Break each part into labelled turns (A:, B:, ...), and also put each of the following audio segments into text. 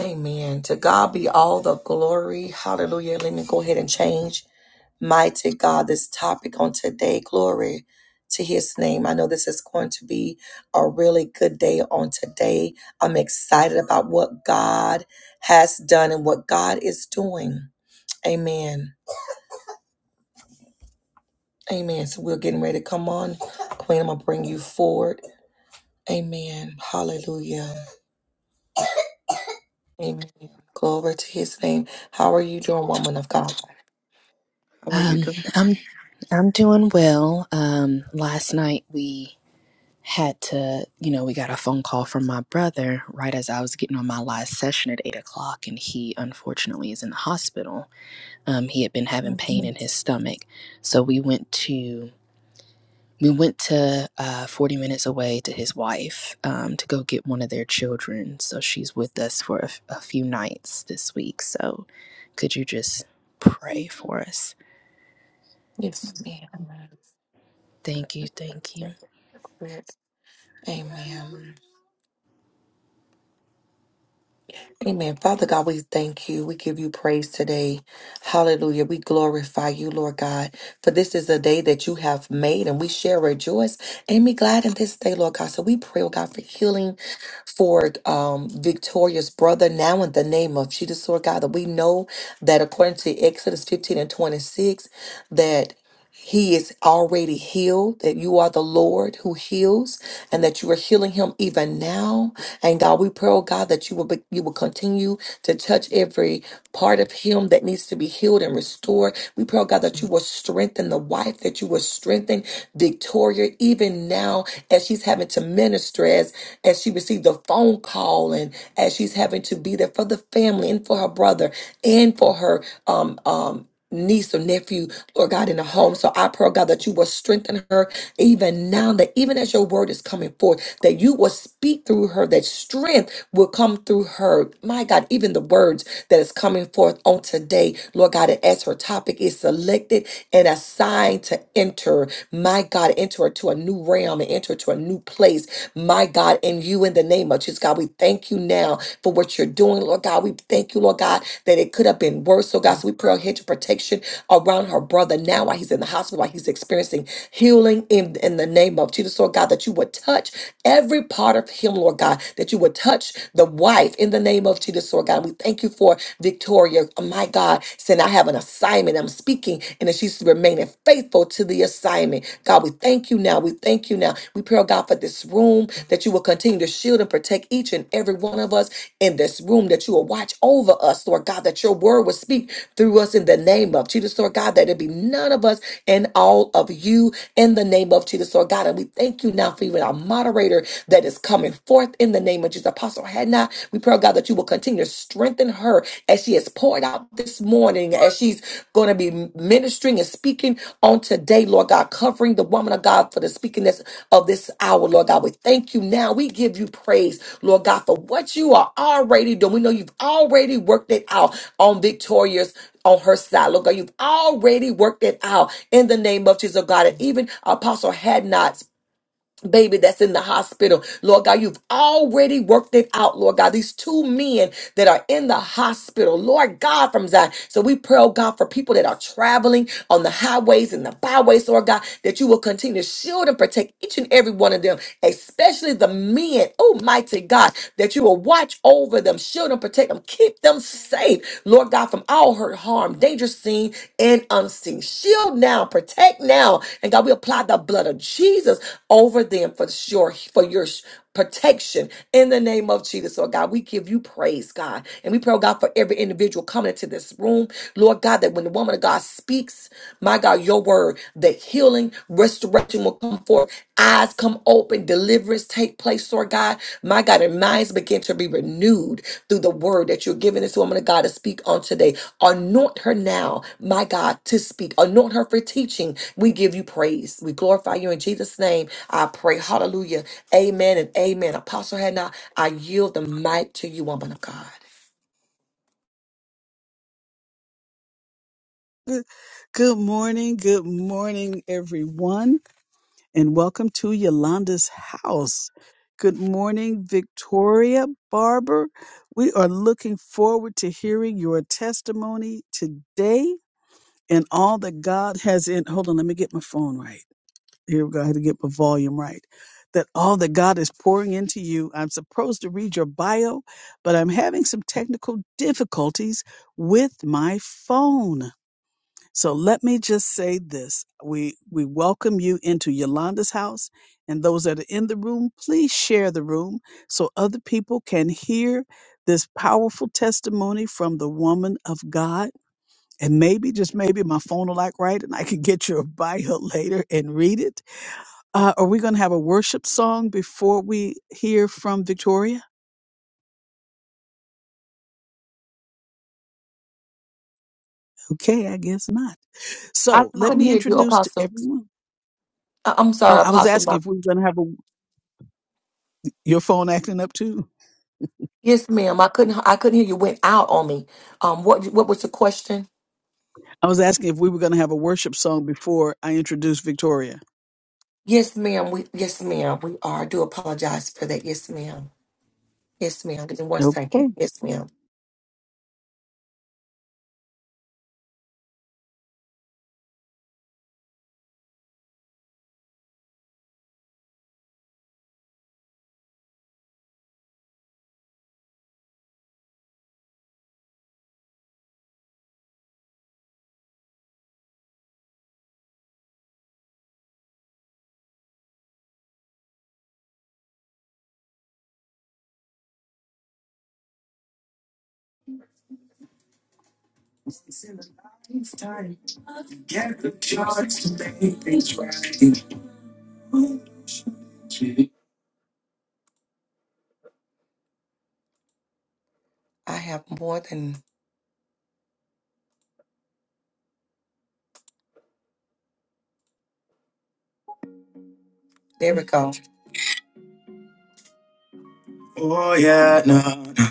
A: Amen. To God be all the glory. Hallelujah. Let me go ahead and change, mighty God, this topic on today. Glory to his name. I know this is going to be a really good day on today. I'm excited about what God has done and what God is doing. Amen. Amen. So we're getting ready to come on. Queen, I'm going to bring you forward. Amen. Hallelujah. Amen. Glory to his name. How are you doing, woman of God? How are you
B: Um,
A: doing?
B: I'm I'm doing well. Um, last night we had to, you know, we got a phone call from my brother right as I was getting on my last session at eight o'clock, and he unfortunately is in the hospital. Um, he had been having pain in his stomach, so we went to we went to uh, forty minutes away to his wife um, to go get one of their children. So she's with us for a, f- a few nights this week. So could you just pray for us?
A: Yes, ma'am.
B: Thank you, thank you.
A: Quick. Amen. Amen. Father God, we thank you. We give you praise today. Hallelujah. We glorify you, Lord God, for this is a day that you have made and we shall rejoice and be glad in this day, Lord God. So we pray, oh God, for healing for um, Victoria's brother now in the name of Jesus, Lord God, that we know that according to Exodus 15 and 26, that. He is already healed, that you are the Lord who heals, and that you are healing him even now. And God, we pray, oh God, that you will be, you will continue to touch every part of him that needs to be healed and restored. We pray, oh God, that you will strengthen the wife, that you will strengthen Victoria even now as she's having to minister, as as she received the phone call and as she's having to be there for the family and for her brother and for her um um niece or nephew, Lord God, in the home. So I pray, God, that you will strengthen her even now, that even as your word is coming forth, that you will speak through her, that strength will come through her. My God, even the words that is coming forth on today, Lord God, and as her topic is selected and assigned to enter, my God, enter her to a new realm and enter to a new place, my God, in you in the name of Jesus challenges, God. We thank you now for what you're doing, Lord God. We thank you, Lord God, that it could have been worse. So, God, so we pray a hedge of protection around her brother now while he's in the hospital, while he's experiencing healing in, in the name of Jesus, Lord God, that you would touch every part of him, Lord God, that you would touch the wife in the name of Jesus, Lord God. We thank you for Victoria, oh my God, saying, I have an assignment. I'm speaking, and that she's remaining faithful faithful to the assignment. God, we thank you now. We thank you now. We pray, oh God, for this room that you will continue to shield and protect each and every one of us in this room, that you will watch over us, Lord God, that your word will speak through us in the name of Jesus, Lord God, that it be none of us and all of you in the name of Jesus, Lord God. And we thank you now for even our moderator that is coming forth in the name of Jesus. Apostle Hannah, we pray, oh God, that you will continue to strengthen her as she has poured out this morning, as she's going to be ministering and speaking on today, Lord God, covering the woman of God for the speaking this of this hour, Lord God. We thank you now. We give you praise, Lord God, for what you are already doing. We know you've already worked it out on Victoria's on her side. Lord God, you've already worked it out in the name of Jesus, oh God. And even Apostle had not baby that's in the hospital. Lord God, you've already worked it out, Lord God. These two men that are in the hospital, Lord God, from Zion. So we pray, oh God, for people that are traveling on the highways and the byways, Lord God, that you will continue to shield and protect each and every one of them, especially the men, oh mighty God, that you will watch over them, shield and protect them, keep them safe, Lord God, from all hurt, harm, danger seen and unseen. Shield Shield now, protect now. And God, we apply the blood of Jesus over them for sure, for your protection in the name of Jesus. So God, we give you praise, God. And we pray, oh God, for every individual coming into this room. Lord God, that when the woman of God speaks, my God, your word, that healing, restoration will come forth. Eyes come open, deliverance take place, Lord God. My God, and minds begin to be renewed through the word that you're giving this woman of God speak on today. Anoint her now, my God, to speak. Anoint her for teaching. We give you praise. We glorify you in Jesus' name. I pray. Hallelujah. Amen and amen. Apostle Hannah, I yield the mic to you, woman of God.
C: Good morning, good morning, everyone, and welcome to Yolanda's house. Good morning, Victoria Barber. We are looking forward to hearing your testimony today and all that God has in. Hold on, let me get my phone right. Here we go. I had to get my volume right. That all that God is pouring into you. I'm supposed to read your bio, but I'm having some technical difficulties with my phone. So let me just say this. We we welcome you into Yolanda's house and those that are in the room, please share the room so other people can hear this powerful testimony from the woman of God. And maybe, just maybe, my phone will like right and I can get your bio later and read it. Uh, are we going to have a worship song before we hear from Victoria? Okay, I guess not.
A: I
C: So let
A: couldn't
C: me
A: hear you,
C: introduce to
A: Apostle.
C: everyone.
A: I- I'm
C: Oh,
A: sorry,
C: I was
A: Apostle. My
C: asking if we were going to have a, your phone acting up too.
A: Yes, ma'am. I couldn't. I couldn't hear you. Went out on me. Um. What? What was the question?
C: I was asking if we were going to have a worship song before I introduced Victoria.
A: Yes, ma'am. We. Yes, ma'am. We are. I do apologize for that. Yes, ma'am. Yes, ma'am. Give me one
C: Okay.
A: second. Yes, ma'am. I have more than. There we go. Oh yeah, no, no.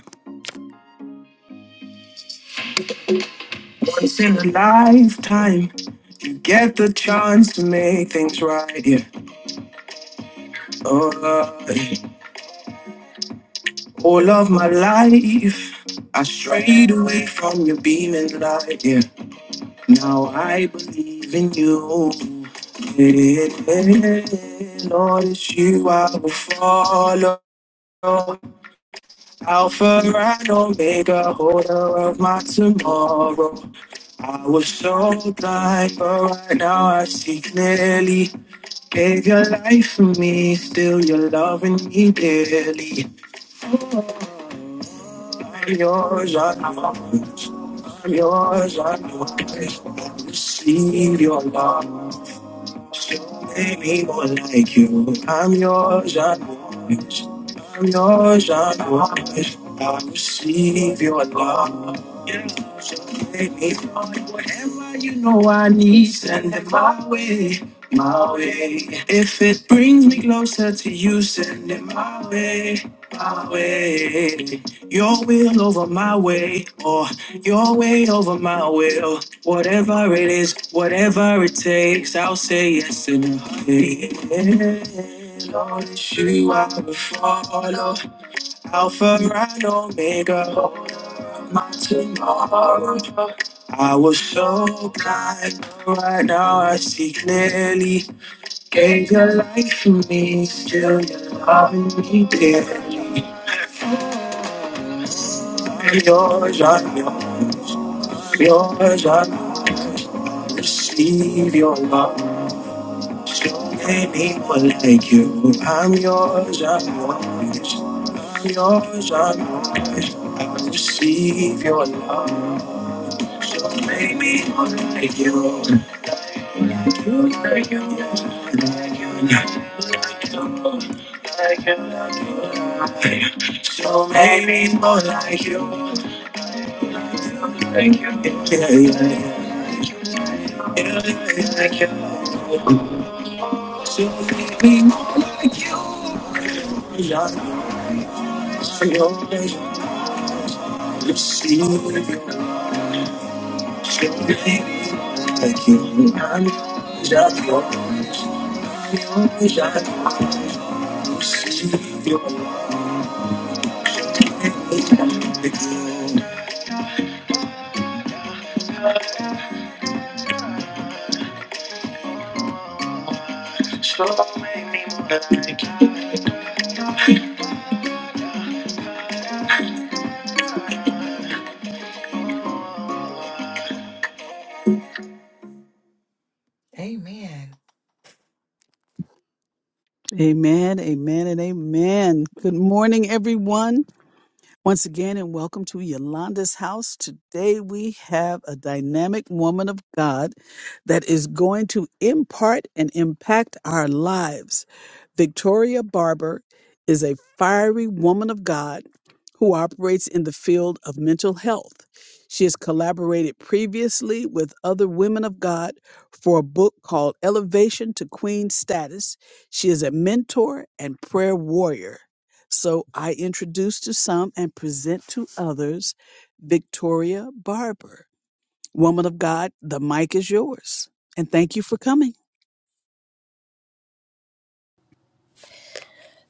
A: Once in a lifetime, you get the chance to make things right. Yeah. Oh. All of my life, I strayed away from your beaming light. Yeah. Now I believe in you. Yeah. Lord, it's you I will follow. Alpha and Omega, holder of my tomorrow. I was so blind, but right now I see clearly. Gave your life for me, still you're loving me dearly. I'm yours, I'm yours. I'm yours, I'm yours. Receive your love. Show me people like you. I'm yours, I'm yours. I'm yours, I'm yours. I receive your love. Yeah. So take me from it. Whatever you know I need, send it my way, my way. If it brings me closer to you, send it my way, my way. Your will over my way, or your way over my will. Whatever it is, whatever it takes, I'll say yes in a heartbeat. Don't you ever follow Alpha and Omega hold up my tomorrow I was so blind but right now I see clearly Gave your life for me Still you're loving me dearly I'm yours, I'm yours I'm yours, I'm yours Receive your love Many people like you. I'm yours, I'm yours. I'm yours, I'm yours. I receive your love. So many people like you. Like you, like you, like you, like you, like you, like you. like you. So many people like you. Like you, yeah, yeah, yeah. Yeah, like you. So many people like you. Amen.
C: Amen, amen, and amen. Good morning, everyone. Once again, and welcome to Yolanda's house. Today we have a dynamic woman of God that is going to impart and impact our lives. Victoria Barber is a fiery woman of God who operates in the field of mental health. She has collaborated previously with other women of God for a book called Elevation to Queen Status. She is a mentor and prayer warrior. So I introduce to some and present to others Victoria Barber. Woman of God, the mic is yours. And thank you for coming.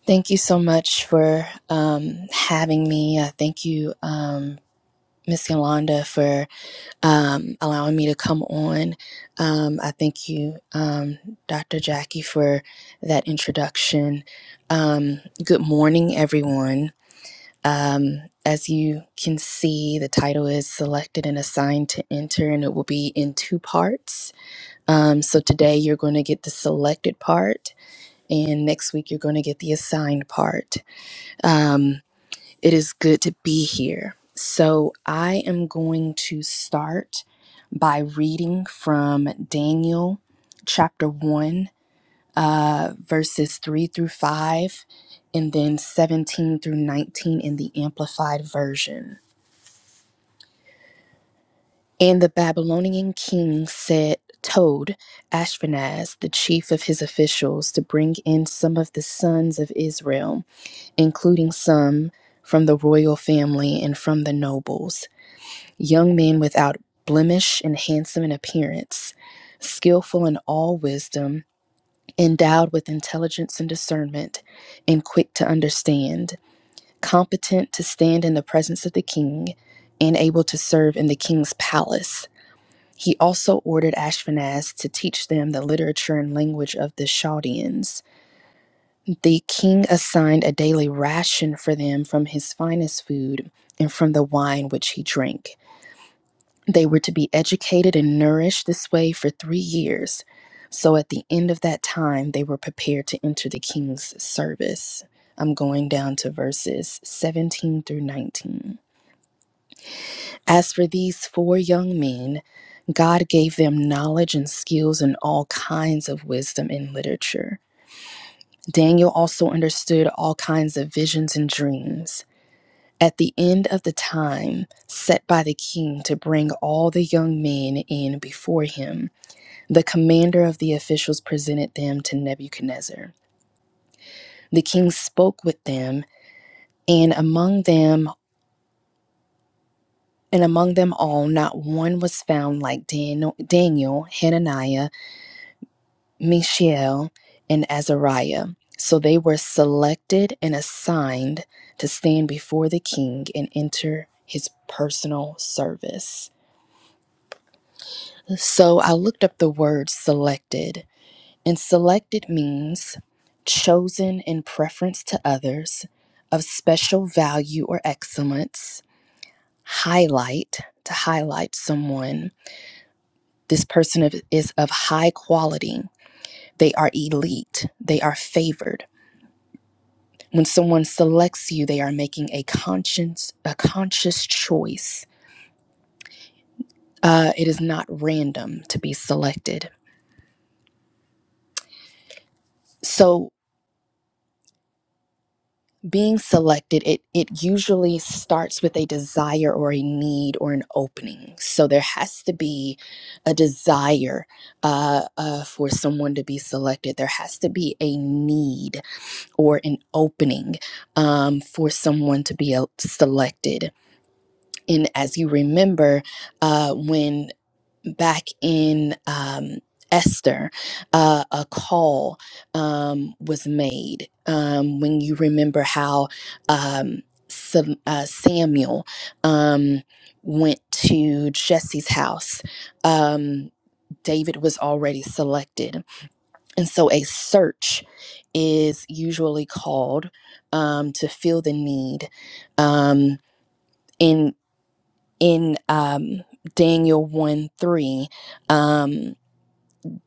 B: Thank you so much for um, having me. Uh, thank you, um, Miss Yolanda, for um, allowing me to come on. Um, I thank you, um, Dr. Jackie, for that introduction. Um, good morning, everyone. Um, as you can see, the title is Selected and Assigned to Enter, and it will be in two parts. Um, so today you're going to get the selected part, and next week you're going to get the assigned part. Um, it is good to be here. So, I am going to start by reading from Daniel chapter 1, uh, verses 3 through 5, and then 17 through 19 in the Amplified Version. And the Babylonian king said, Told Ashpenaz, the chief of his officials, to bring in some of the sons of Israel, including some from the royal family and from the nobles young men without blemish and handsome in appearance, skillful in all wisdom, endowed with intelligence and discernment, and quick to understand, competent to stand in the presence of the king, and able to serve in the king's palace. He also ordered Ashpenaz to teach them the literature and language of the Chaldeans. The king assigned a daily ration for them from his finest food and from the wine which he drank. They were to be educated and nourished this way for three years. So at the end of that time, they were prepared to enter the king's service. I'm going down to verses 17 through 19. As for these four young men, God gave them knowledge and skills in all kinds of wisdom and literature. Daniel also understood all kinds of visions and dreams. At the end of the time set by the king to bring all the young men in before him, The commander of the officials presented them to Nebuchadnezzar. The king spoke with them, and among them and among them all not one was found like Daniel, Daniel Hananiah, Mishael, and Azariah. So they were selected and assigned to stand before the king and enter his personal service. So I looked up the word selected And selected means chosen in preference to others, of special value or excellence, highlight, to highlight someone. This person is of high quality. They are elite. They are favored. When someone selects you, they are making a conscious a conscious choice. Uh, it is not random to be selected. So being selected it it usually starts with a desire or a need or an opening so there has to be a desire uh, uh, for someone to be selected there has to be a need or an opening um, for someone to be el- selected and as you remember uh, when back in um, Esther, uh, a call um, was made. Um, when you remember how um, Sam, uh, Samuel um, went to Jesse's house, um, David was already selected. And so a search is usually called um, to fill the need. Um, in in um, Daniel 1 3. um,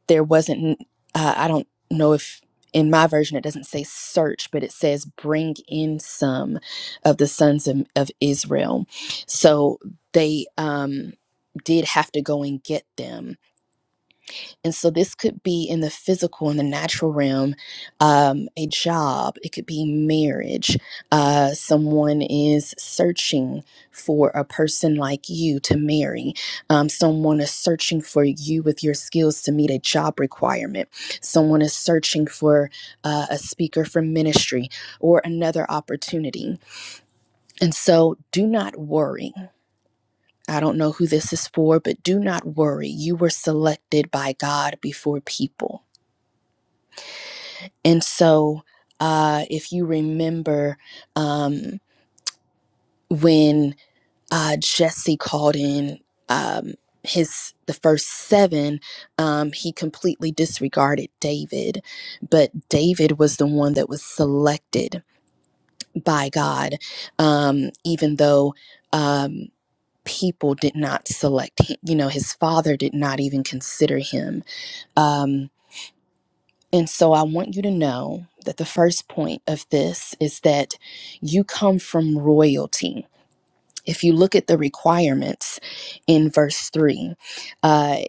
B: there wasn't uh, i don't know if in my version it doesn't say search but it says bring in some of the sons of, of israel so they um did have to go and get them and so this could be in the physical, in the natural realm, um, a job, it could be marriage. Uh, someone is searching for a person like you to marry. Um, someone is searching for you with your skills to meet a job requirement. Someone is searching for uh, a speaker for ministry or another opportunity. And so do not worry. I don't know who this is for, but do not worry. You were selected by God before people. And so, uh, if you remember um, when uh, Jesse called in um, his the first seven, um, he completely disregarded David, but David was the one that was selected by God, um, even though. Um, people did not select him you know his father did not even consider him Um, And so I want you to know that the first point of this is that you come from royalty. If you look at the requirements in verse 3, uh,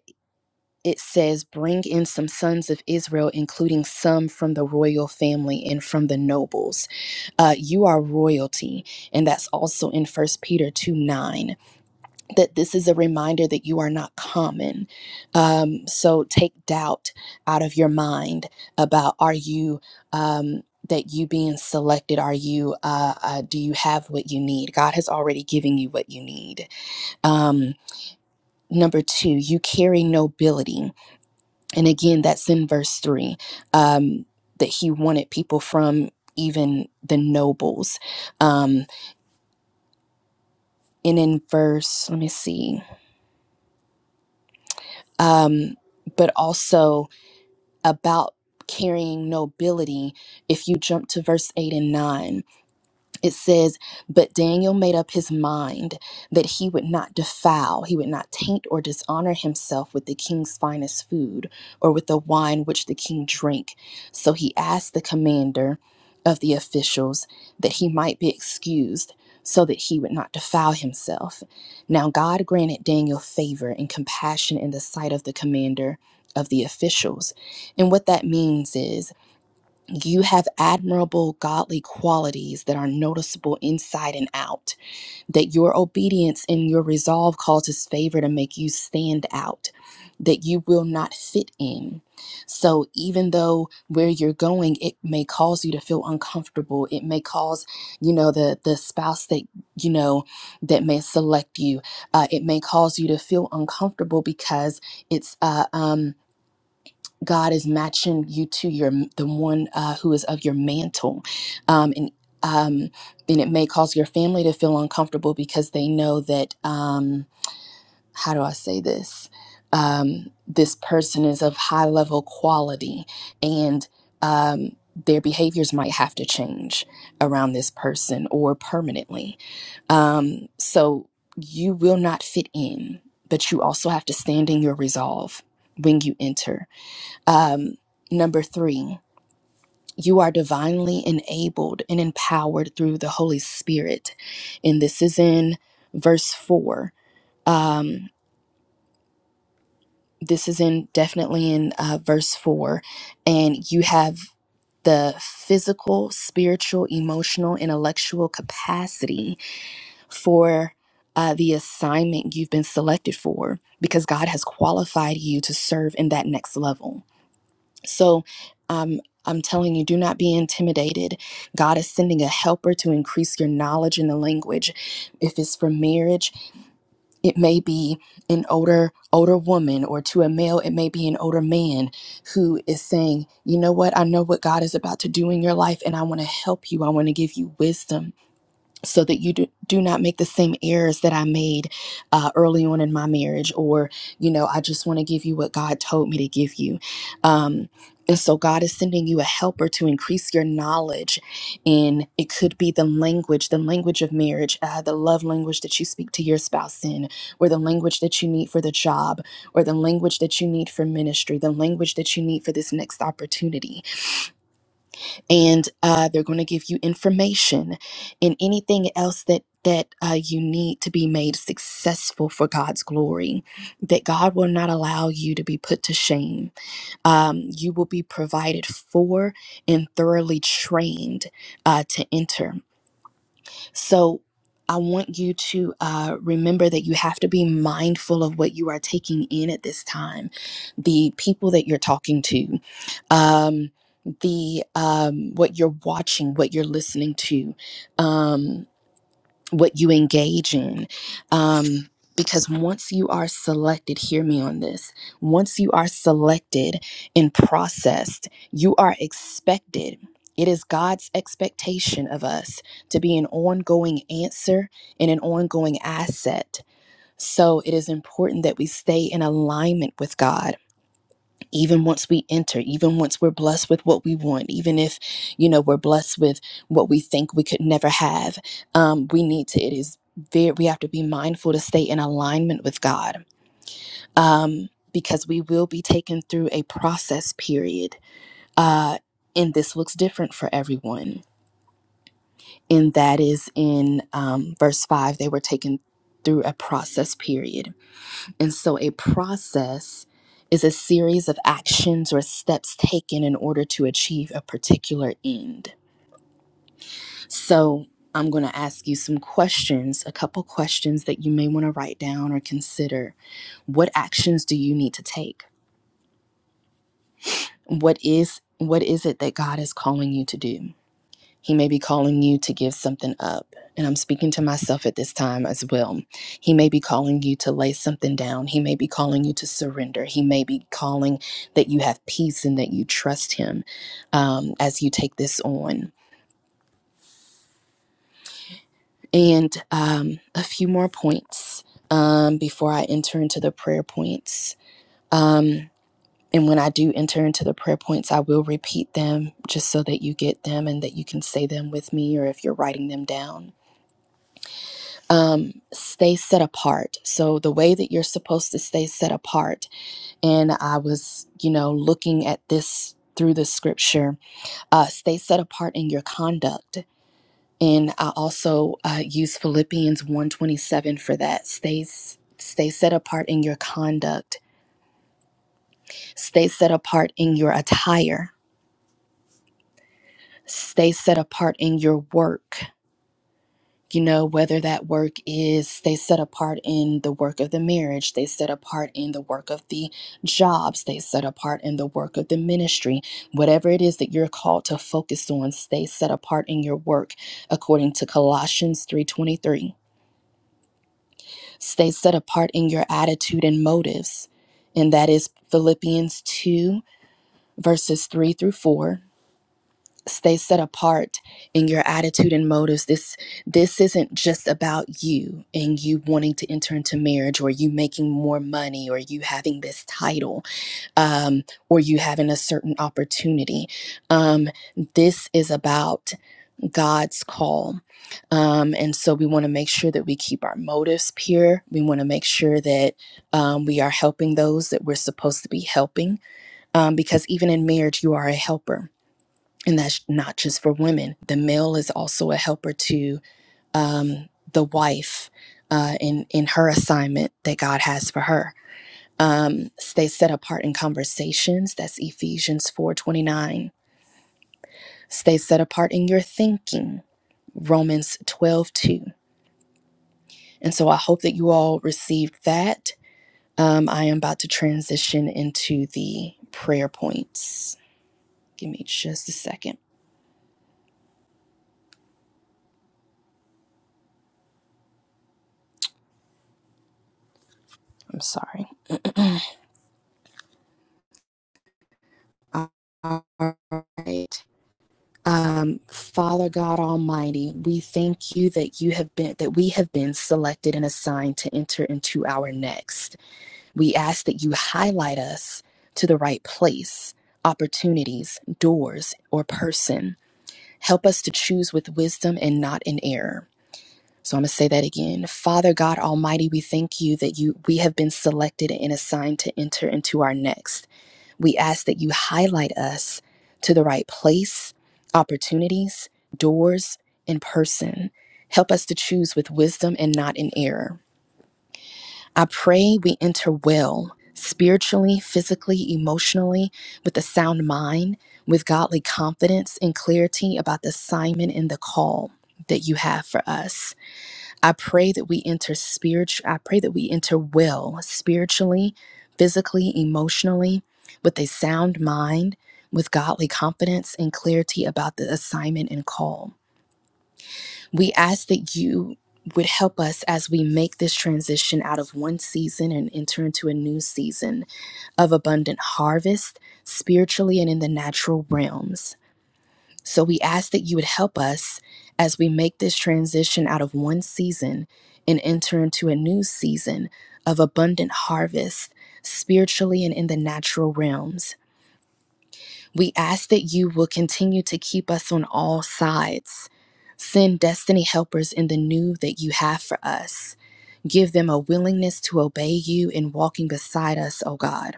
B: it says, Bring in some sons of Israel, including some from the royal family and from the nobles. Uh, you are royalty. And that's also in First Peter 2 9 that this is a reminder that you are not common. Um, so take doubt out of your mind about are you. Um, that you being selected are you uh, uh do you have what you need god has already given you what you need um number two you carry nobility and again that's in verse three um that he wanted people from even the nobles um and in verse let me see um but also about carrying nobility if you jump to verse 8 and 9 it says, But Daniel made up his mind that he would not defile, he would not taint or dishonor himself with the king's finest food or with the wine which the king drank. So he asked the commander of the officials that he might be excused so that he would not defile himself. Now God granted Daniel favor and compassion in the sight of the commander of the officials. And what that means is, you have admirable godly qualities that are noticeable inside and out, that your obedience and your resolve causes favor to make you stand out, that you will not fit in. So, even though where you're going, it may cause you to feel uncomfortable. It may cause, you know, the, the spouse that, you know, that may select you. Uh, it may cause you to feel uncomfortable because it's, uh, um, God is matching you to your the one uh, who is of your mantle, um, and um, and it may cause your family to feel uncomfortable because they know that um, how do I say this? Um, this person is of high level quality, and um, their behaviors might have to change around this person or permanently. Um, so you will not fit in, but you also have to stand in your resolve when you enter um, number three, you are divinely enabled and empowered through the Holy Spirit. And this is in verse four. Um, this is in definitely in uh, verse four. And you have the physical, spiritual, emotional, intellectual capacity for. Uh, the assignment you've been selected for because God has qualified you to serve in that next level So, um, I'm telling you, do not be intimidated. God is sending a helper to increase your knowledge in the language. If it's for marriage, it may be an older older woman, or to a male, it may be an older man who is saying, "You know what? I know what God is about to do in your life, and I want to help you. I want to give you wisdom." so that you do, do not make the same errors that I made uh, early on in my marriage, or, you know, I just want to give you what God told me to give you. Um, and so God is sending you a helper to increase your knowledge. And it could be the language, the language of marriage, uh, the love language that you speak to your spouse in, or the language that you need for the job, or the language that you need for ministry, the language that you need for this next opportunity and uh, they're going to give you information and anything else that that uh, you need to be made successful for God's glory. That God will not allow you to be put to shame. Um, you will be provided for and thoroughly trained uh, to enter. So I want you to uh, remember that you have to be mindful of what you are taking in at this time, the people that you're talking to, um, the um, what you're watching, what you're listening to. um, what you engage in. Um, because once you are selected, hear me on this. Once you are selected and processed, you are expected. It is God's expectation of us to be an ongoing answer and an ongoing asset. So it is important that we stay in alignment with God even once we enter even once we're blessed with what we want even if you know we're blessed with what we think we could never have um we need to it is very we have to be mindful to stay in alignment with god um because we will be taken through a process period uh and this looks different for everyone and that is in um verse 5 they were taken through a process period and so a process is a series of actions or steps taken in order to achieve a particular end. So I'm going to ask you some questions, a couple questions that you may want to write down or consider. What actions do you need to take? What is what is it that God is calling you to do? He may be calling you to give something up. And I'm speaking to myself at this time as well. He may be calling you to lay something down. He may be calling you to surrender. He may be calling that you have peace and that you trust Him um, as you take this on. And um, a few more points um, before I enter into the prayer points. Um, and when I do enter into the prayer points, I will repeat them just so that you get them and that you can say them with me or if you're writing them down. um, stay set apart. So, the way that you're supposed to stay set apart, and I was, you know, looking at this through the scripture, uh, stay set apart in your conduct. And I also uh, use Philippians 127 for that. Stay, stay set apart in your conduct, stay set apart in your attire, stay set apart in your work you know, whether that work is they set apart in the work of the marriage, they set apart in the work of the jobs, they set apart in the work of the ministry, whatever it is that you're called to focus on, stay set apart in your work according to Colossians 3:23. Stay set apart in your attitude and motives. And that is Philippians 2 verses 3 through 4 stay set apart in your attitude and motives this this isn't just about you and you wanting to enter into marriage or you making more money or you having this title um, or you having a certain opportunity um, this is about god's call um, and so we want to make sure that we keep our motives pure we want to make sure that um, we are helping those that we're supposed to be helping um, because even in marriage you are a helper and that's not just for women. The male is also a helper to um, the wife uh, in in her assignment that God has for her. Um, stay set apart in conversations. That's Ephesians four twenty nine. Stay set apart in your thinking. Romans twelve two. And so I hope that you all received that. Um, I am about to transition into the prayer points. Give me just a second. I'm sorry. All right. Um, Father God Almighty, we thank you that you have been that we have been selected and assigned to enter into our next. We ask that you highlight us to the right place, opportunities, doors, or person. Help us to choose with wisdom and not in error. So I'm going to say that again. Father God Almighty, we thank you that you we have been selected and assigned to enter into our next. We ask that you highlight us to the right place, opportunities, doors, and person. Help us to choose with wisdom and not in error. I pray we enter well, spiritually, physically, emotionally, with a sound mind, with godly confidence and clarity about the assignment and the call that you have for us. I pray that we enter spiritual, I pray that we enter well spiritually, physically, emotionally, with a sound mind, with godly confidence and clarity about the assignment and call. We ask that you would help us as we make this transition out of one season and enter into a new season of abundant harvest spiritually and in the natural realms. So we ask that you would help us as we make this transition out of one season and enter into a new season of abundant harvest spiritually and in the natural realms. We ask that you will continue to keep us on all sides. Send destiny helpers in the new that you have for us. Give them a willingness to obey you in walking beside us, O God.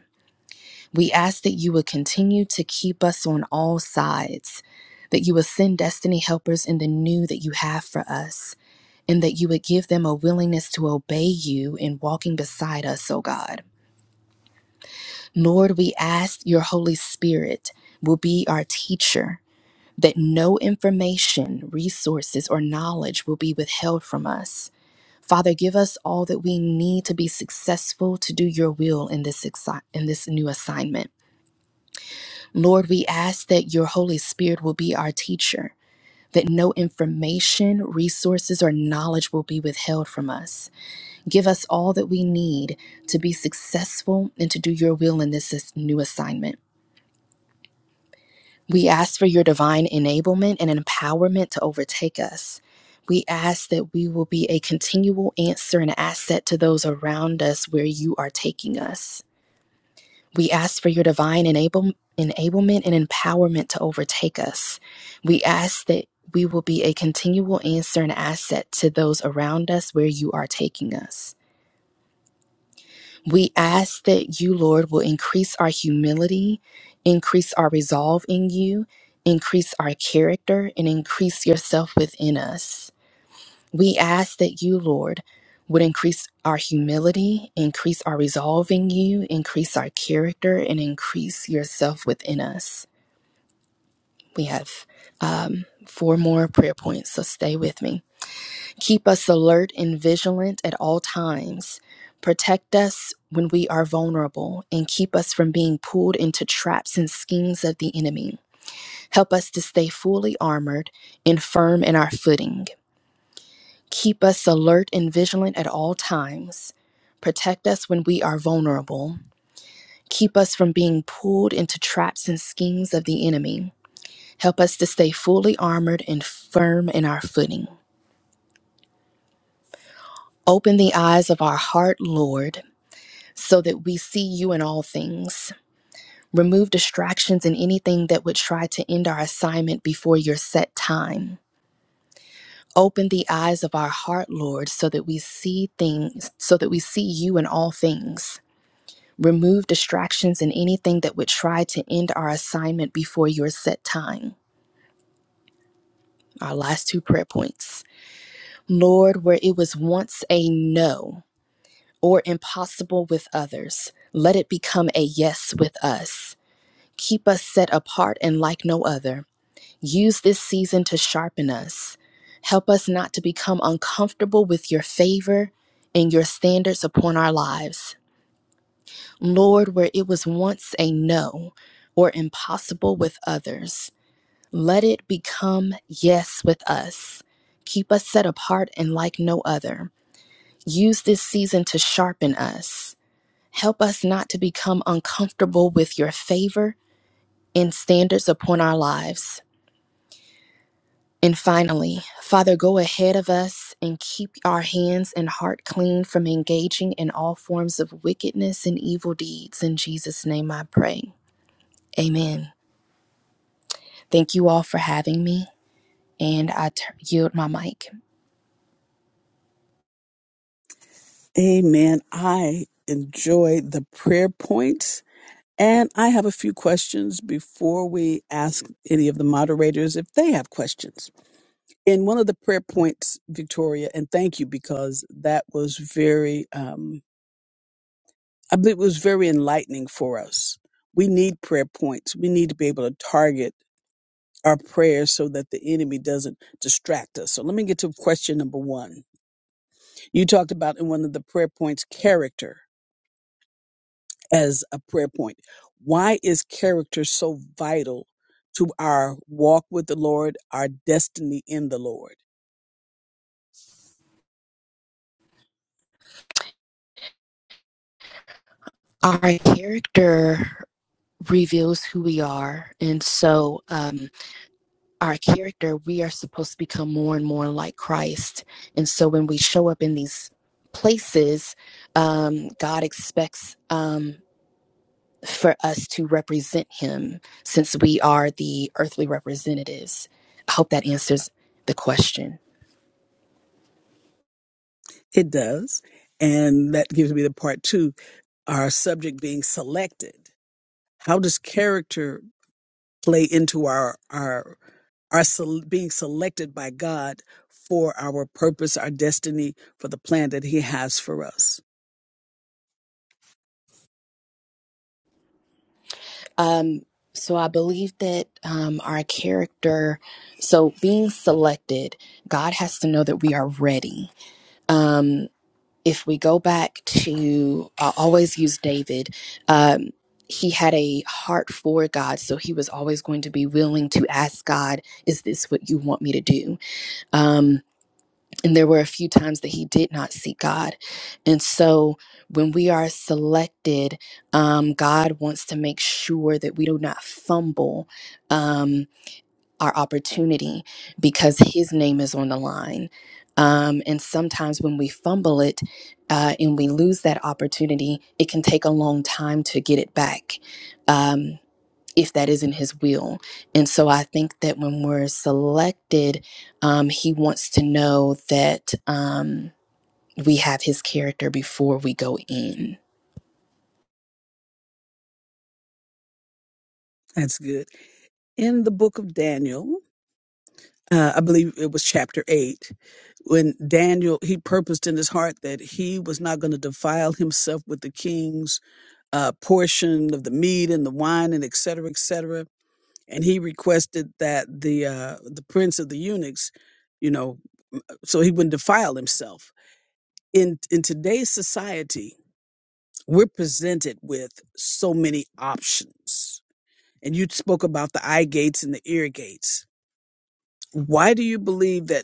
B: We ask that you would continue to keep us on all sides, that you would send destiny helpers in the new that you have for us, and that you would give them a willingness to obey you in walking beside us, O God. Lord, we ask your Holy Spirit will be our teacher. That no information, resources, or knowledge will be withheld from us. Father, give us all that we need to be successful to do your will in this, exi- in this new assignment. Lord, we ask that your Holy Spirit will be our teacher, that no information, resources, or knowledge will be withheld from us. Give us all that we need to be successful and to do your will in this new assignment. We ask for your divine enablement and empowerment to overtake us. We ask that we will be a continual answer and asset to those around us where you are taking us. We ask for your divine enable, enablement and empowerment to overtake us. We ask that we will be a continual answer and asset to those around us where you are taking us. We ask that you, Lord, will increase our humility, increase our resolve in you, increase our character, and increase yourself within us. We ask that you, Lord, would increase our humility, increase our resolve in you, increase our character, and increase yourself within us. We have four more prayer points, so stay with me. Keep us alert and vigilant at all times. Protect us when we are vulnerable and keep us from being pulled into traps and schemes of the enemy. Help us to stay fully armored and firm in our footing. Keep us alert and vigilant at all times. Protect us when we are vulnerable. Keep us from being pulled into traps and schemes of the enemy. Help us to stay fully armored and firm in our footing. Open the eyes of our heart, Lord, so that we see you in all things. Remove distractions and anything that would try to end our assignment before your set time. Open the eyes of our heart, Lord, so that we see things, so that we see you in all things. Remove distractions and anything that would try to end our assignment before your set time. Our last two prayer points. Lord, where it was once a no or impossible with others, let it become a yes with us. Keep us set apart and like no other. Use this season to sharpen us. Help us not to become uncomfortable with your favor and your standards upon our lives. Lord, where it was once a no or impossible with others, let it become yes with us. Keep us set apart and like no other. Use this season to sharpen us. Help us not to become uncomfortable with your favor and standards upon our lives. And finally, Father, go ahead of us and keep our hands and heart clean from engaging in all forms of wickedness and evil deeds. In Jesus' name I pray. Amen. Thank you all for having me, and I t- yield my mic.
C: Amen. I enjoy the prayer points. And I have a few questions before we ask any of the moderators if they have questions. In one of the prayer points, Victoria, and thank you because that was very, um, I believe it was very enlightening for us. We need prayer points. We need to be able to target our prayers so that the enemy doesn't distract us. So let me get to question number one. You talked about in one of the prayer points character as a prayer point. Why is character so vital to our walk with the Lord, our destiny in the Lord?
B: Our character reveals who we are, and so um, our character, we are supposed to become more and more like Christ. And so when we show up in these places, um, God expects um, for us to represent Him since we are the earthly representatives. I hope that answers the question.
C: It does. And that gives me the part two, our subject being selected. How does character play into our, our are sel- being selected by God for our purpose, our destiny, for the plan that He has for us.
B: Um, so I believe that um, our character, so being selected, God has to know that we are ready. Um, if we go back to, I always use David. Um, he had a heart for God, so he was always going to be willing to ask God, "Is this what you want me to do?" Um, and there were a few times that he did not seek God. And so when we are selected, um, God wants to make sure that we do not fumble um, our opportunity because his name is on the line. Um, and sometimes when we fumble it uh, and we lose that opportunity, it can take a long time to get it back. Um, if that isn't his will. And so I think that when we're selected, um, he wants to know that um, we have his character before we go in.
C: That's good. In the book of Daniel, uh, I believe it was chapter 8, when Daniel, he purposed in his heart that he was not going to defile himself with the king's uh, portion of the meat and the wine and et cetera, et cetera. And he requested that the, uh, the prince of the eunuchs, you know, so he wouldn't defile himself. In, in today's society, we're presented with so many options. And you spoke about the eye gates and the ear gates. Why do you believe that?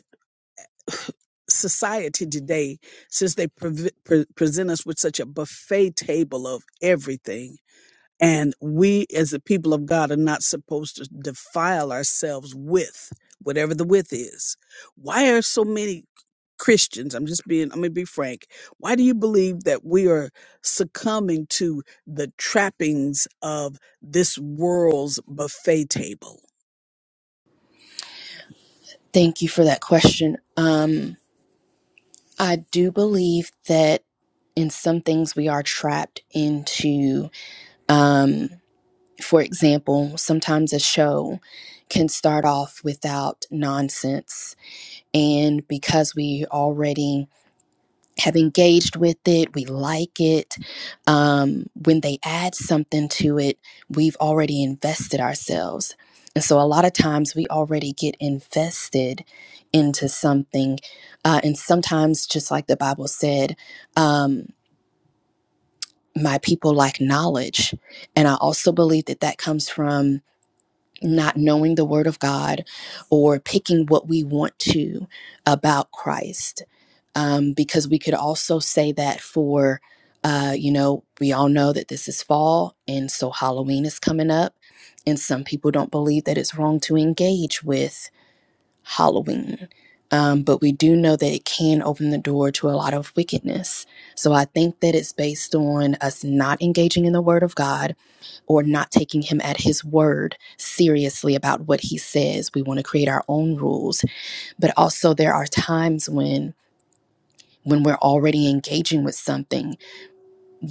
C: society today, since they preve- pre- present us with such a buffet table of everything, and we as the people of God are not supposed to defile ourselves with whatever the with is. Why are so many Christians, I'm just being, I'm going to be frank. Why do you believe that we are succumbing to the trappings of this world's buffet table?
B: Thank you for that question. Um, I do believe that in some things we are trapped into, um, for example, sometimes a show can start off without nonsense. And because we already have engaged with it, we like it. Um, when they add something to it, we've already invested ourselves. And so a lot of times we already get invested into something. Uh, and sometimes, just like the Bible said, um, my people like knowledge. And I also believe that that comes from not knowing the word of God or picking what we want to about Christ. Um, because we could also say that for, uh, you know, we all know that this is fall and so Halloween is coming up. And some people don't believe that it's wrong to engage with Halloween. Um, but we do know that it can open the door to a lot of wickedness. So I think that it's based on us not engaging in the Word of God or not taking Him at His word seriously about what He says. We want to create our own rules. But also, there are times when. When we're already engaging with something,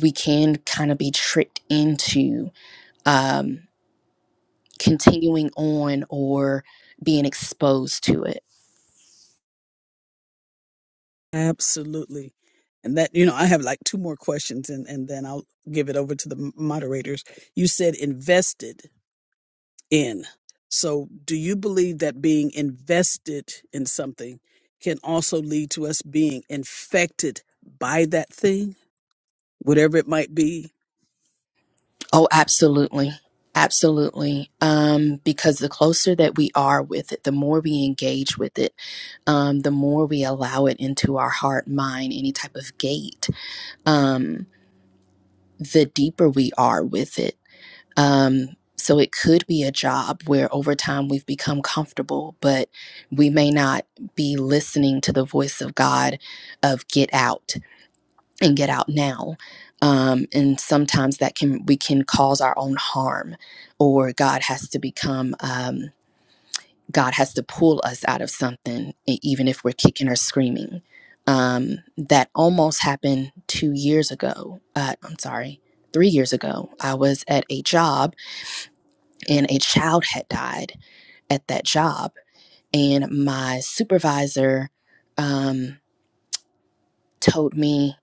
B: we can kind of be tricked into um, continuing on or being exposed to it.
C: Absolutely. And that, you know, I have like two more questions and, and then I'll give it over to the m- moderators. You said invested in. So do you believe that being invested in something can also lead to us being infected by that thing, whatever it might be?
B: Oh, absolutely. Absolutely. Um, because the closer that we are with it, the more we engage with it, um, the more we allow it into our heart, mind, any type of gate, um, the deeper we are with it. Um, so it could be a job where over time we've become comfortable, but we may not be listening to the voice of God of get out and get out now um, and sometimes that can we can cause our own harm or god has to become um, god has to pull us out of something e- even if we're kicking or screaming um, that almost happened two years ago uh, i'm sorry three years ago i was at a job and a child had died at that job and my supervisor um, told me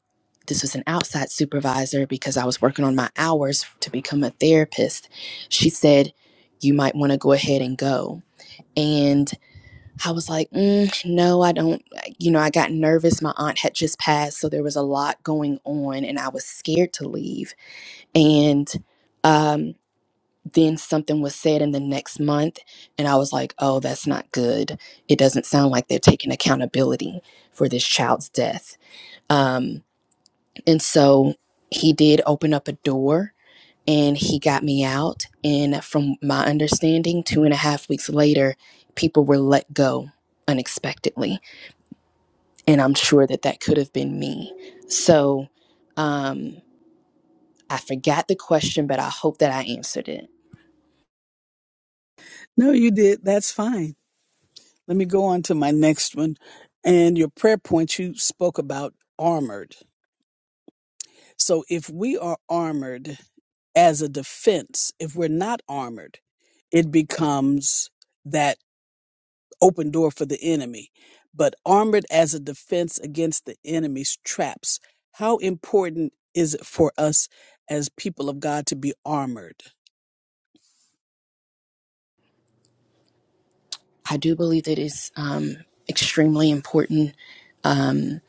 B: this was an outside supervisor because I was working on my hours to become a therapist. She said, You might want to go ahead and go. And I was like, mm, No, I don't. You know, I got nervous. My aunt had just passed. So there was a lot going on, and I was scared to leave. And um, then something was said in the next month, and I was like, Oh, that's not good. It doesn't sound like they're taking accountability for this child's death. Um, and so he did open up a door and he got me out. And from my understanding, two and a half weeks later, people were let go unexpectedly. And I'm sure that that could have been me. So um, I forgot the question, but I hope that I answered it.
C: No, you did. That's fine. Let me go on to my next one. And your prayer point, you spoke about armored. So if we are armored as a defense, if we're not armored, it becomes that open door for the enemy. But armored as a defense against the enemy's traps, how important is it for us as people of God to be armored?
B: I do believe that it's um, extremely important um,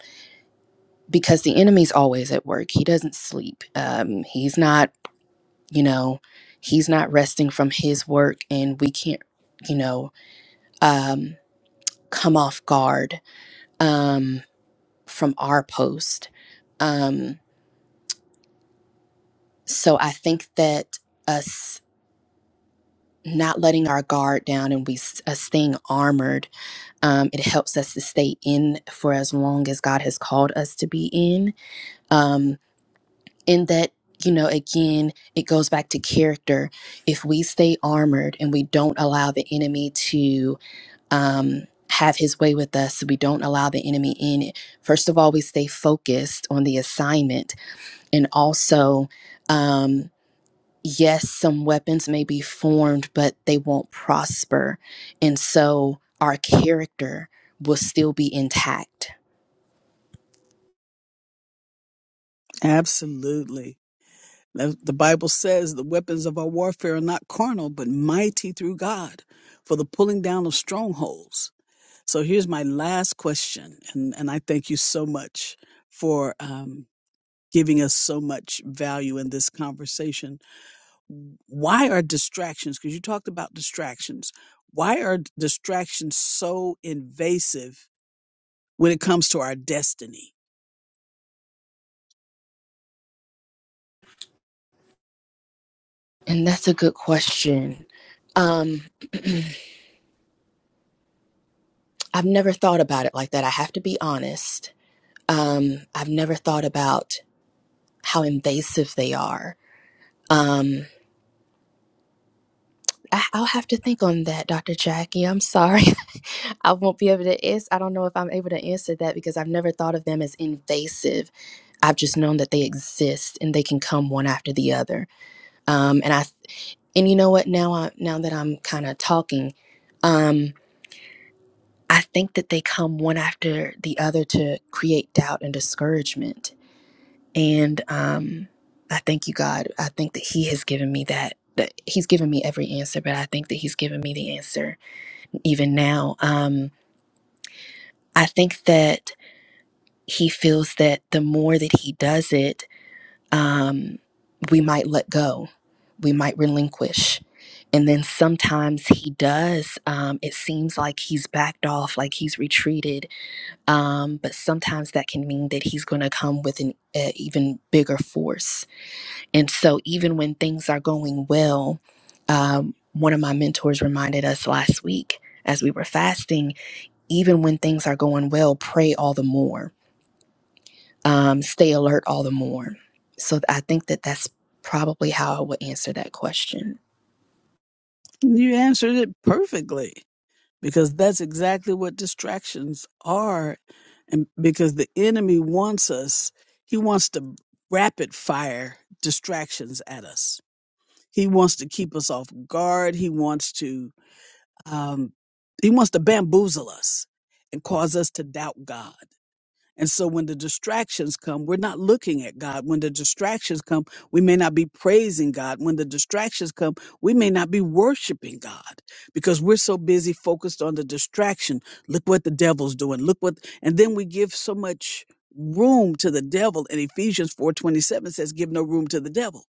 B: because the enemy's always at work. He doesn't sleep. Um, he's not you know he's not resting from his work and we can't you know um come off guard um from our post um so i think that us not letting our guard down and we s- us staying armored um it helps us to stay in for as long as god has called us to be in um in that you know again it goes back to character if we stay armored and we don't allow the enemy to um, have his way with us. so We don't allow the enemy in. First of all, we stay focused on the assignment. And also, um, yes, some weapons may be formed, but they won't prosper. And so our character will still be intact.
C: Absolutely. The the Bible says the weapons of our warfare are not carnal, but mighty through God for the pulling down of strongholds. So here's my last question, and, and I thank you so much for um, giving us so much value in this conversation. Why are distractions, because you talked about distractions, why are distractions so invasive when it comes to our destiny?
B: And that's a good question. Um, I've never thought about it like that. I have to be honest. Um, I've never thought about how invasive they are. Um. I- I'll have to think on that, Dr. Jackie. I'm sorry. I won't be able to answer. I don't know if I'm able to answer that because I've never thought of them as invasive. I've just known that they exist and they can come one after the other. Um, and I and you know what? Now I now that I'm kind of talking, um, I think that they come one after the other to create doubt and discouragement. And um, I thank you, God. I think that He has given me that. That He's given me every answer, but I think that He's given me the answer even now. Um, I think that he feels that the more that he does it, um, we might let go, we might relinquish. And then sometimes he does. Um, it seems like he's backed off, like he's retreated. Um, but sometimes that can mean that he's going to come with an uh, even bigger force. And so, even when things are going well, um, one of my mentors reminded us last week as we were fasting even when things are going well, pray all the more, um, stay alert all the more. So I think that that's probably how I would answer that question.
C: You answered it perfectly. because that's exactly what distractions are and because the enemy wants us he wants to rapid fire distractions at us he wants to keep us off guard he wants to um, he wants to bamboozle us and cause us to doubt god and so when the distractions come, we're not looking at God. When the distractions come, we may not be praising God. When the distractions come, we may not be worshiping God because we're so busy focused on the distraction. Look what the devil's doing. Look what, and then we give so much room to the devil. And Ephesians 4.27 says, give no room to the devil.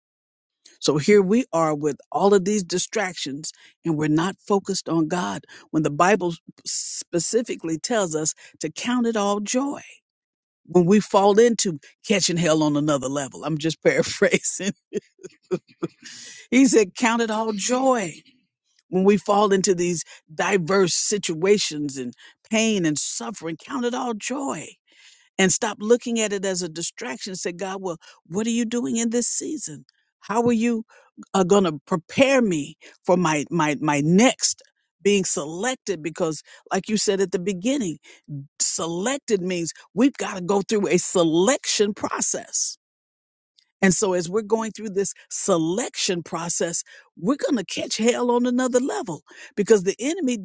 C: So here we are with all of these distractions and we're not focused on God when the Bible specifically tells us to count it all joy when we fall into catching hell on another level. I'm just paraphrasing. He said, Count it all joy when we fall into these diverse situations and pain and suffering. Count it all joy and stop looking at it as a distraction. Say, God, well, what are you doing in this season? How are you uh, going to prepare me for my my my next? being selected because like you said at the beginning selected means we've got to go through a selection process And so, as we're going through this selection process, we're going to catch hell on another level because the enemy,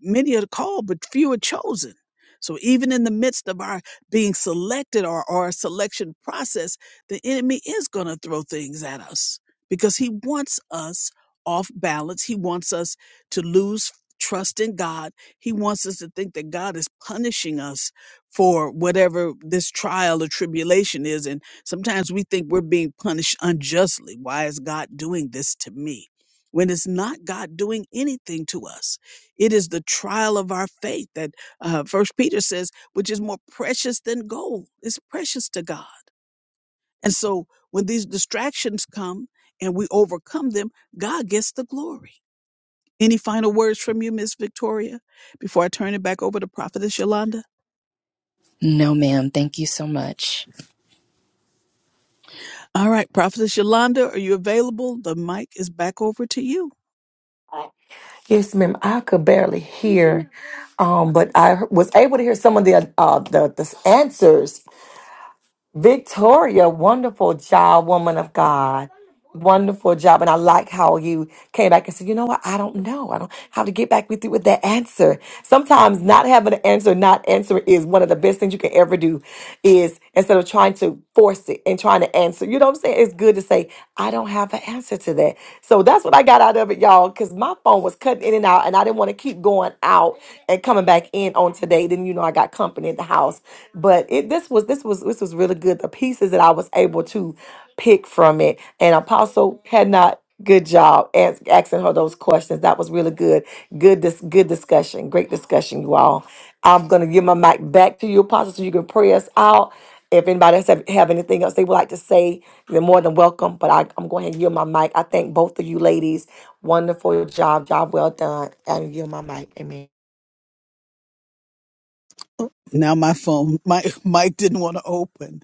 C: many are called, but few are chosen. So, even in the midst of our being selected or our selection process, the enemy is going to throw things at us because he wants us off balance. He wants us to lose trust in God. He wants us to think that God is punishing us for whatever this trial or tribulation is. And Sometimes we think we're being punished unjustly. Why is God doing this to me? When it's not God doing anything to us, it is the trial of our faith that uh, First Peter says, which is more precious than gold. It's precious to God. And so when these distractions come and we overcome them, God gets the glory. Any final words from you, Miss Victoria, before I turn it back over to Prophetess Yolanda?
B: No, ma'am. Thank you so much.
C: All right, Prophetess Yolanda, are you available? The mic is back over to you.
A: Yes, ma'am. I could barely hear, um, but I was able to hear some of the uh, the, the answers Victoria, wonderful job, woman of God. Wonderful job. And I like how you came back and said, you know what? I don't know. I don't have to get back with you with that answer. Sometimes not having an answer, not answering is one of the best things you can ever do is instead of trying to force it and trying to answer, you know what I'm saying? It's good to say, I don't have an answer to that. So that's what what I got out of it, y'all, because my phone was cutting in and out, and I didn't want to keep going out and coming back in on today. Then you know I got company in the house, but it this was this was this was really good. The pieces that I was able to pick from it, and Apostle had not. Good job as- asking her those questions. That was really good. Good, dis- good discussion. Great discussion, you all. I'm going to give my mic back to you, Apostle, so you can pray us out. If anybody else have, have anything else they would like to say, you're more than welcome. But I, I'm going to yield my mic. I thank both of you ladies. Wonderful job. Job well done. And yield my mic. Amen.
C: Now my phone, my mic didn't want to open.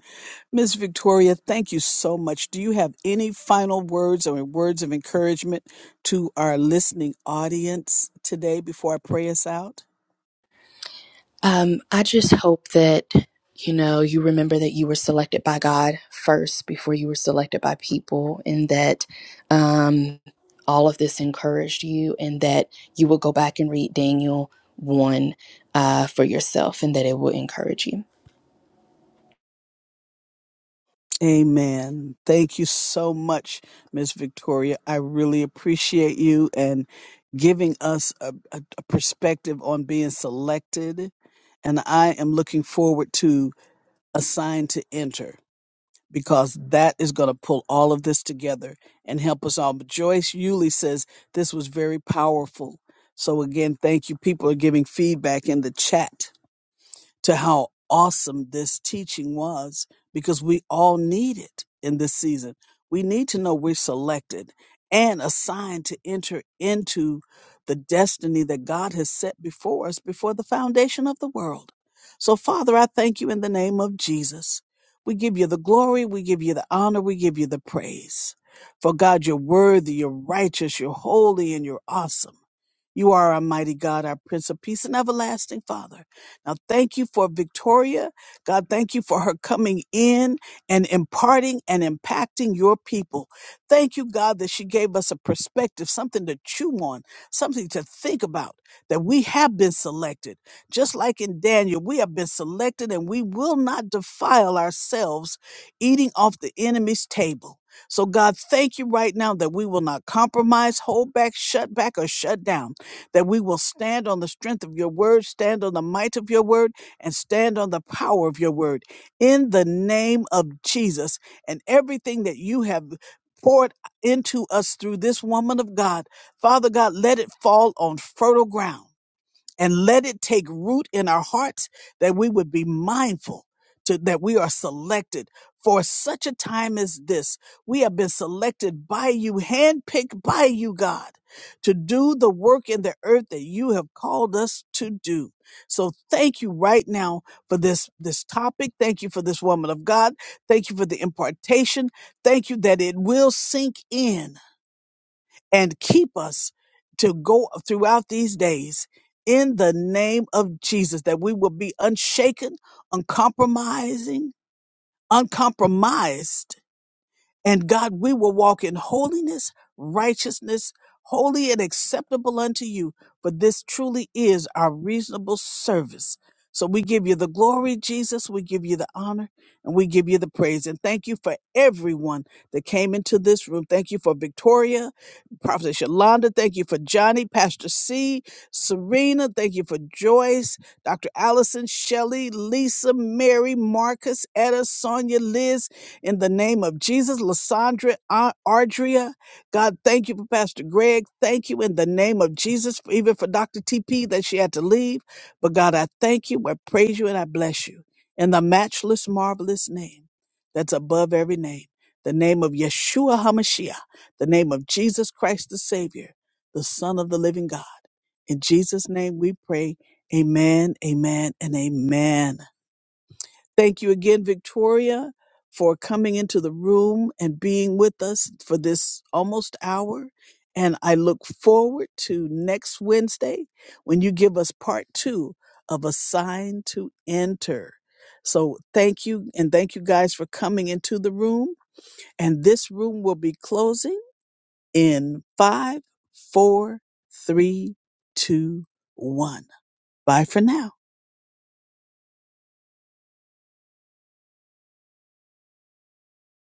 C: Miss Victoria, thank you so much. Do you have any final words or words of encouragement to our listening audience today before I pray us out?
B: Um, I just hope that, you know, you remember that you were selected by God first before you were selected by people, and that um, all of this encouraged you, and that you will go back and read Daniel 1 uh, for yourself, and that it will encourage you.
C: Amen. Thank you so much, Miss Victoria. I really appreciate you and giving us a, a, a perspective on being selected. And I am looking forward to assigned to enter because that is going to pull all of this together and help us all. But Joyce Yuli says this was very powerful. So again, thank you. People are giving feedback in the chat to how awesome this teaching was because we all need it in this season. We need to know we're selected and assigned to enter into the destiny that God has set before us before the foundation of the world. So, Father, I thank you in the name of Jesus. We give you the glory, we give you the honor, we give you the praise. For God, you're worthy, you're righteous, you're holy, and you're awesome. You are our mighty God, our Prince of Peace and everlasting Father. Now, thank you for Victoria. God, thank you for her coming in and imparting and impacting your people. Thank you, God, that she gave us a perspective, something to chew on, something to think about, that we have been selected. Just like in Daniel, we have been selected and we will not defile ourselves eating off the enemy's table. So, God, thank you right now that we will not compromise, hold back, shut back, or shut down that we will stand on the strength of your word, stand on the might of your word, and stand on the power of your word in the name of Jesus. And everything that you have poured into us through this woman of God, Father God, let it fall on fertile ground and let it take root in our hearts that we would be mindful to, that we are selected for such a time as this. We have been selected by you, handpicked by you, God, to do the work in the earth that you have called us to do. So thank you right now for this, this topic. Thank you for this woman of God. Thank you for the impartation. Thank you that it will sink in and keep us to go throughout these days in the name of Jesus, that we will be unshaken, uncompromising, uncompromised and God, we will walk in holiness, righteousness, holy and acceptable unto you, for this truly is our reasonable service. So we give you the glory, Jesus. We give you the honor and we give you the praise. And thank you for everyone that came into this room. Thank you for Victoria, Prophet Yolanda. Thank you for Johnny, Pastor C, Serena. Thank you for Joyce, Dr. Allison, Shelley, Lisa, Mary, Marcus, Etta, Sonia, Liz, in the name of Jesus. Lysandra, Ar- Ardria, God, thank you for Pastor Greg. Thank you in the name of Jesus, for, even for Dr. TP that she had to leave. But God, I thank you, I praise you, and I bless you in the matchless, marvelous name that's above every name, the name of Yeshua HaMashiach, the name of Jesus Christ the Savior, the Son of the living God. In Jesus' name we pray. Amen, amen, and amen. Thank you again, Victoria, for coming into the room and being with us for this almost hour. And I look forward to next Wednesday when you give us part two of A Sign to Enter. So thank you. And thank you guys for coming into the room. And this room will be closing in five, four, three, two, one. Bye for now.